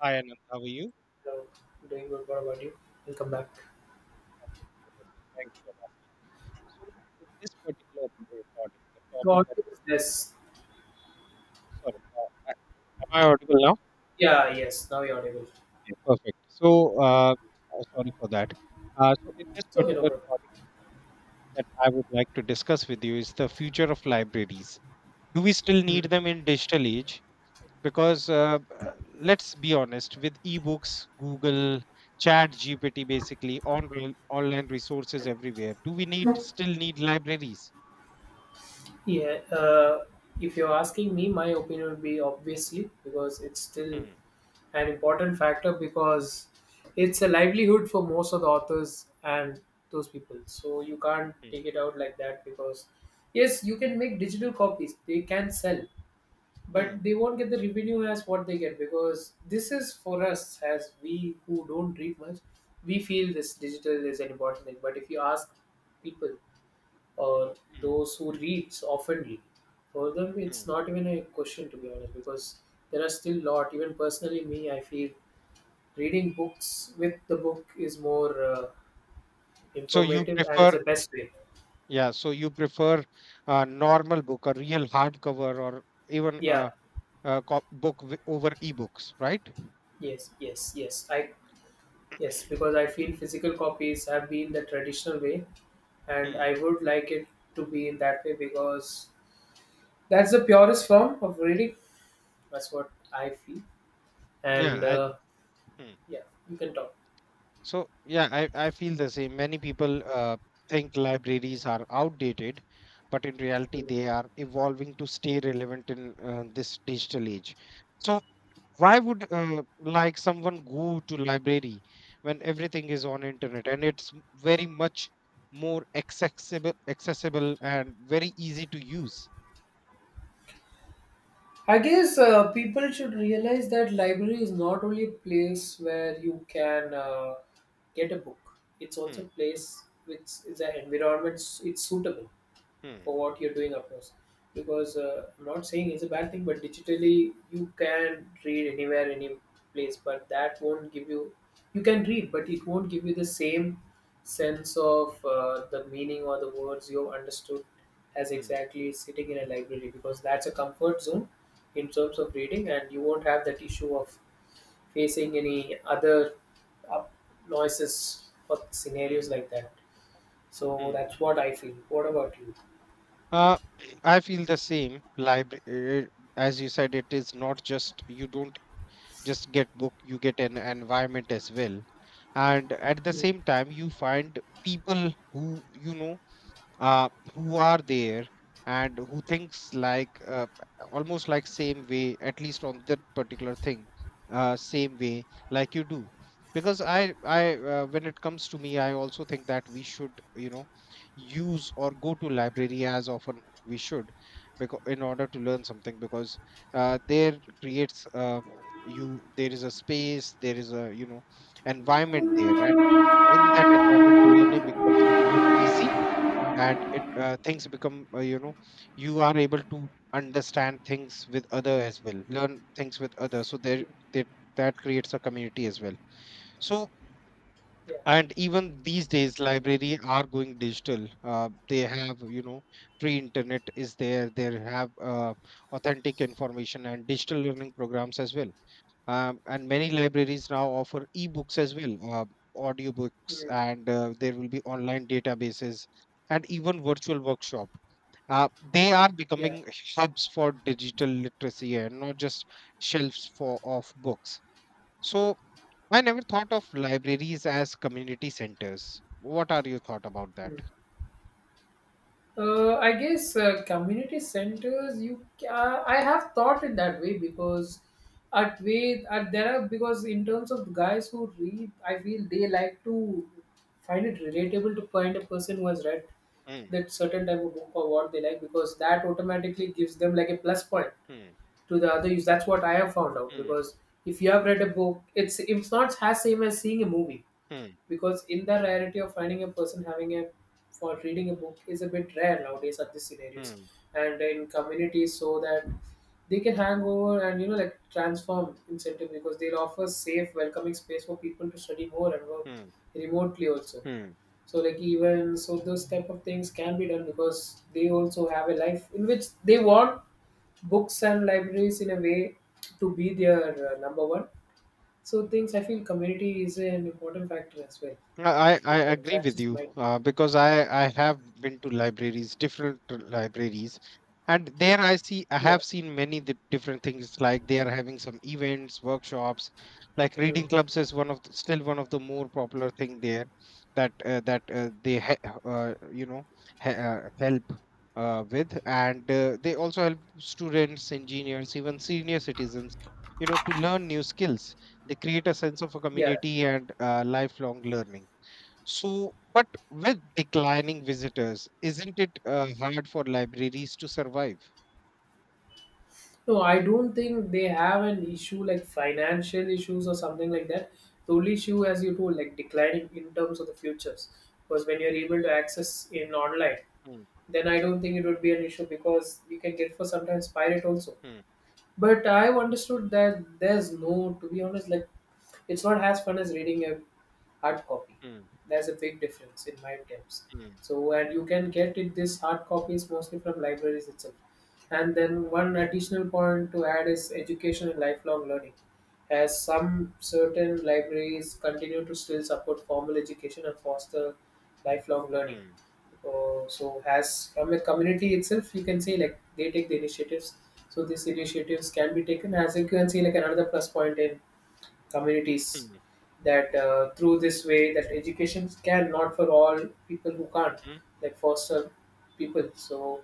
Hi Anand, how are you? Hello, doing good. What about you? Welcome back. I'm doing great as well. Thank you for asking. So, in this particular recording, the topic Got that it. Yes. sorry, I- Am I audible now? Yeah, yes. Now you're audible. Yeah, perfect. Uh, Sorry for that. In this It's okay, no particular problem. recording, that I would like to discuss with you is the future of libraries. Do we still Hmm. need them in digital age? Because let's be honest, with ebooks, Google, Chat GPT, basically on online resources everywhere, do we need still need libraries? Yeah. If you're asking me, my opinion would be obviously because it's still Hmm. an important factor because it's a livelihood for most of the authors and those people. So you can't hmm. take it out like that because yes, you can make digital copies. They can sell, but Hmm. they won't get the revenue as what they get because this is for us as we who don't read much, we feel this digital is an important thing, but if you ask people or Hmm. those who reads oftenly, for them it's Mm. not even a question to be honest because there are still lot, even personally me, I feel reading books with the book is more So you informative and is the prefer best way. yeah, so you prefer a normal book, a real hardcover or even yeah book over ebooks, right? yes yes yes i yes, because I feel physical copies have been the traditional way and Hmm. I would like it to be in that way because that's the purest form of reading. That's what I feel. Yeah, And I Hmm. Yeah, you can talk. So I feel the same. Many people think libraries are outdated, but in reality Hmm. they are evolving to stay relevant in this digital age. So why would like someone go to library when everything is on internet and very much more accessible and very easy to use. I guess people should realize that library is not only a place where you can get a book. It's also a hmm, place which is an environment. It's suitable hmm, for what you're doing across because I'm not saying it's a bad thing, but digitally you can read anywhere any place, but that won't give you, you can read but it won't give you the same sense of the meaning or the words you have understood as hmm, exactly sitting in a library because that's a comfort zone in terms of reading, and you won't have that issue of facing any other uh, noises or scenarios hmm, like that. So hmm. that's what I feel. What about Uh, I feel the same. Library, as you said, it is not just you don't just get book, you get an environment as well. And at the same time, you find people who uh, who are there and who thinks like almost like same way at least on that particular thing, same way like you do, because I when it comes to me I also think that we should use or go to library as often we should, because in order to learn something, because there creates, you there is a space, there is a, environment there, and in that environment learning becomes more easy, and it things become, you are able to understand things with other as well, learn things with others, so there you? that that creates a community as well. So, Yeah. and even these days library are going digital. They have, free internet is there. They have authentic information and digital learning programs as well. And many libraries now offer ebooks as well, audiobooks, Mm. and there will be online databases and even virtual workshop. They are Yeah. becoming hubs for digital literacy and not just shelves for of books. So I never thought of libraries as community centers. What are your thought about that? Mm. I guess community centers. I have thought it that way because at way at there are because in terms of guys who read, I feel they like to find it relatable, to find a person who has read Hmm, that certain type of book or what they like because that automatically gives them like a plus point hmm, to the other use. That's what I have found out hmm, because if you have read a book, it's not as same as seeing a movie hmm, because in the rarity of finding a person having a, for reading a book is a bit rare nowadays at these scenarios hmm, and in communities, so that they can hang over and you know like transform incentive because they'll offer safe welcoming space for people to study more and work hmm, remotely also. hmm. So like even so those type of things can be done because they also have a life in which they want books and libraries in a way to be their number one. So things, I feel community is an important factor as well I in terms. agree That's with just you my, because I have been to libraries, different libraries, and there I yeah. have seen many the different things, like they are having some events, workshops, like Mm. reading clubs is one of still one of the more popular thing there, that that they he- you know he- help with, and they also help students, engineers, even senior citizens, you know, to learn new skills. They create a sense of a Yeah. community and lifelong learning. So, but with declining visitors, isn't it hard for libraries to survive? No, I don't think they have an issue like financial issues or something like that. The only issue, as you told, like declining in terms of the futures. Because when you're able to access in online, Hmm, then I don't think it would be an issue because you can get for sometimes pirate also. hmm, But I've understood that there's no, to be honest, like it's not as fun as reading a hard copy. hmm, There's a big difference in my terms. hmm, So, and you can get it this hard copies mostly from libraries itself. And then one additional point to add is education and lifelong learning, as some certain libraries continue to still support formal education and foster lifelong learning. hmm, So, as from a community itself, you can say like they take the initiatives, so these initiatives can be taken as you can see like another plus point in communities hmm, that through this way that education can, not for all people who can't, hmm. like for some people. So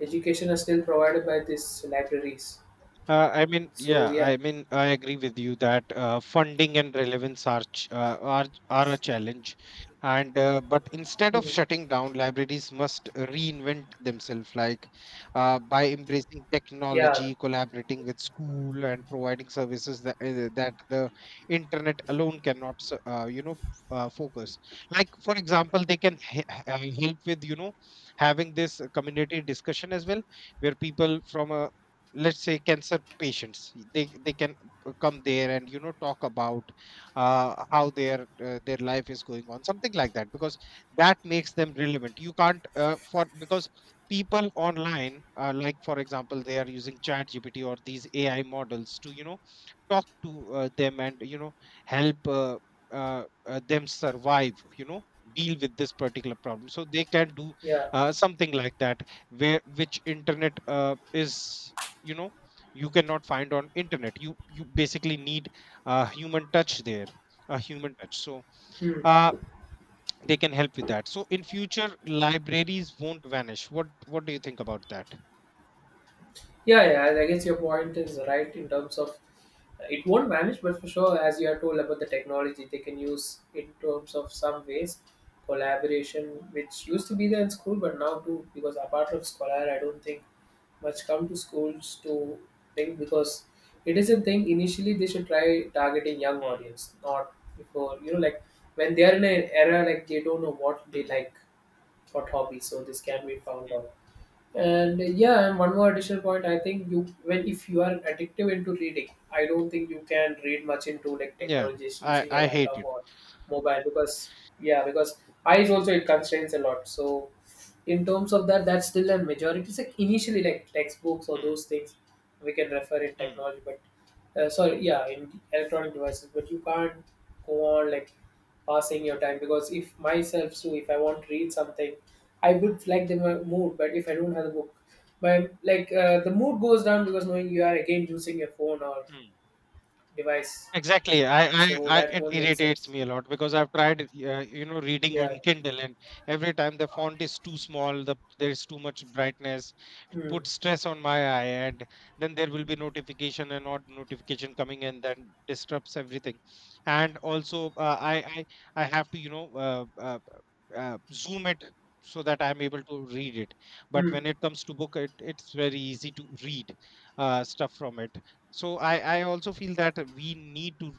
education is still provided by these libraries. I mean, So yeah, yeah, I mean, I agree with you that funding and relevance are ch- are a challenge, and but instead of mhm, shutting down, libraries must reinvent themselves, like by embracing yeah, technology, collaborating with school, and providing services that that the internet alone cannot, you know, focus. Like for example, they can help with, you know, having this community discussion as well, where people from a, let's say, cancer patients, they can come there and you know talk about how their life is going on, something like that, because that makes them relevant. You can't for because people online, like for example, they are using chat gpt or these ai models to, you know, talk to them and, you know, help them survive, you know, deal with this particular problem. So they can do yeah. Something like that, where which internet is, you know, you cannot find on internet. You basically need a human touch there, a human touch. So Hmm. uh, they can help with that. So in future libraries won't vanish. What do you think about that? Yeah, yeah, I guess your point is right in terms of it won't vanish, but for sure, as you are told about the technology, they can use in terms of some ways collaboration, which used to be there in school, but now too because apart from scholar, I don't think much come to schools to think because it is a thing. Initially, they should try targeting young Hmm, audience, not before you know like when they are in an era like they don't know what they hmm, like, what hobbies, so this can be found hmm. out. And yeah, and one more additional point, I think you, when if you are addictive into reading, I don't think you can read much into like Yeah, technologies i using a i hate laptop it. or mobile because, yeah, because eyes also it constrains a lot. So in terms of that, that's still a majority. It's like initially like textbooks or Hmm, those things we can refer in hmm, technology, but sorry, yeah, in electronic devices, but you can't go on like passing your time because if myself too, if I want to read something, I would like the mood, but if I don't have the book, but like the mood goes down because knowing you are again using your phone or hmm. device, Exactly. So I, that it won't make irritates sense. me a lot because I've tried, you know, reading Yeah. on Kindle, and every time the font is too small, there's too much brightness, Mm. put stress on my eye, and then there will be notification and not notification coming and then disrupts everything. And also I have to, zoom it, so that I'm able to read it. But Mm. when it comes to book, it it's very easy to read stuff from it. So I also feel that we need to,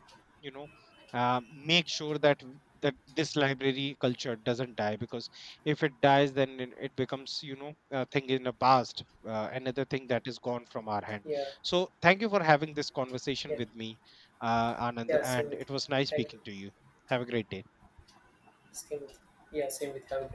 you know, uh, make sure that that this library culture doesn't die, because if it dies then it becomes, you know, a thing in the past, another thing that is gone from our hand. yeah So thank you for having this conversation yeah with me, Anand, yeah, same and with it you, was nice thank you. speaking to you. Have a great day. Same with, yeah, same with, Have a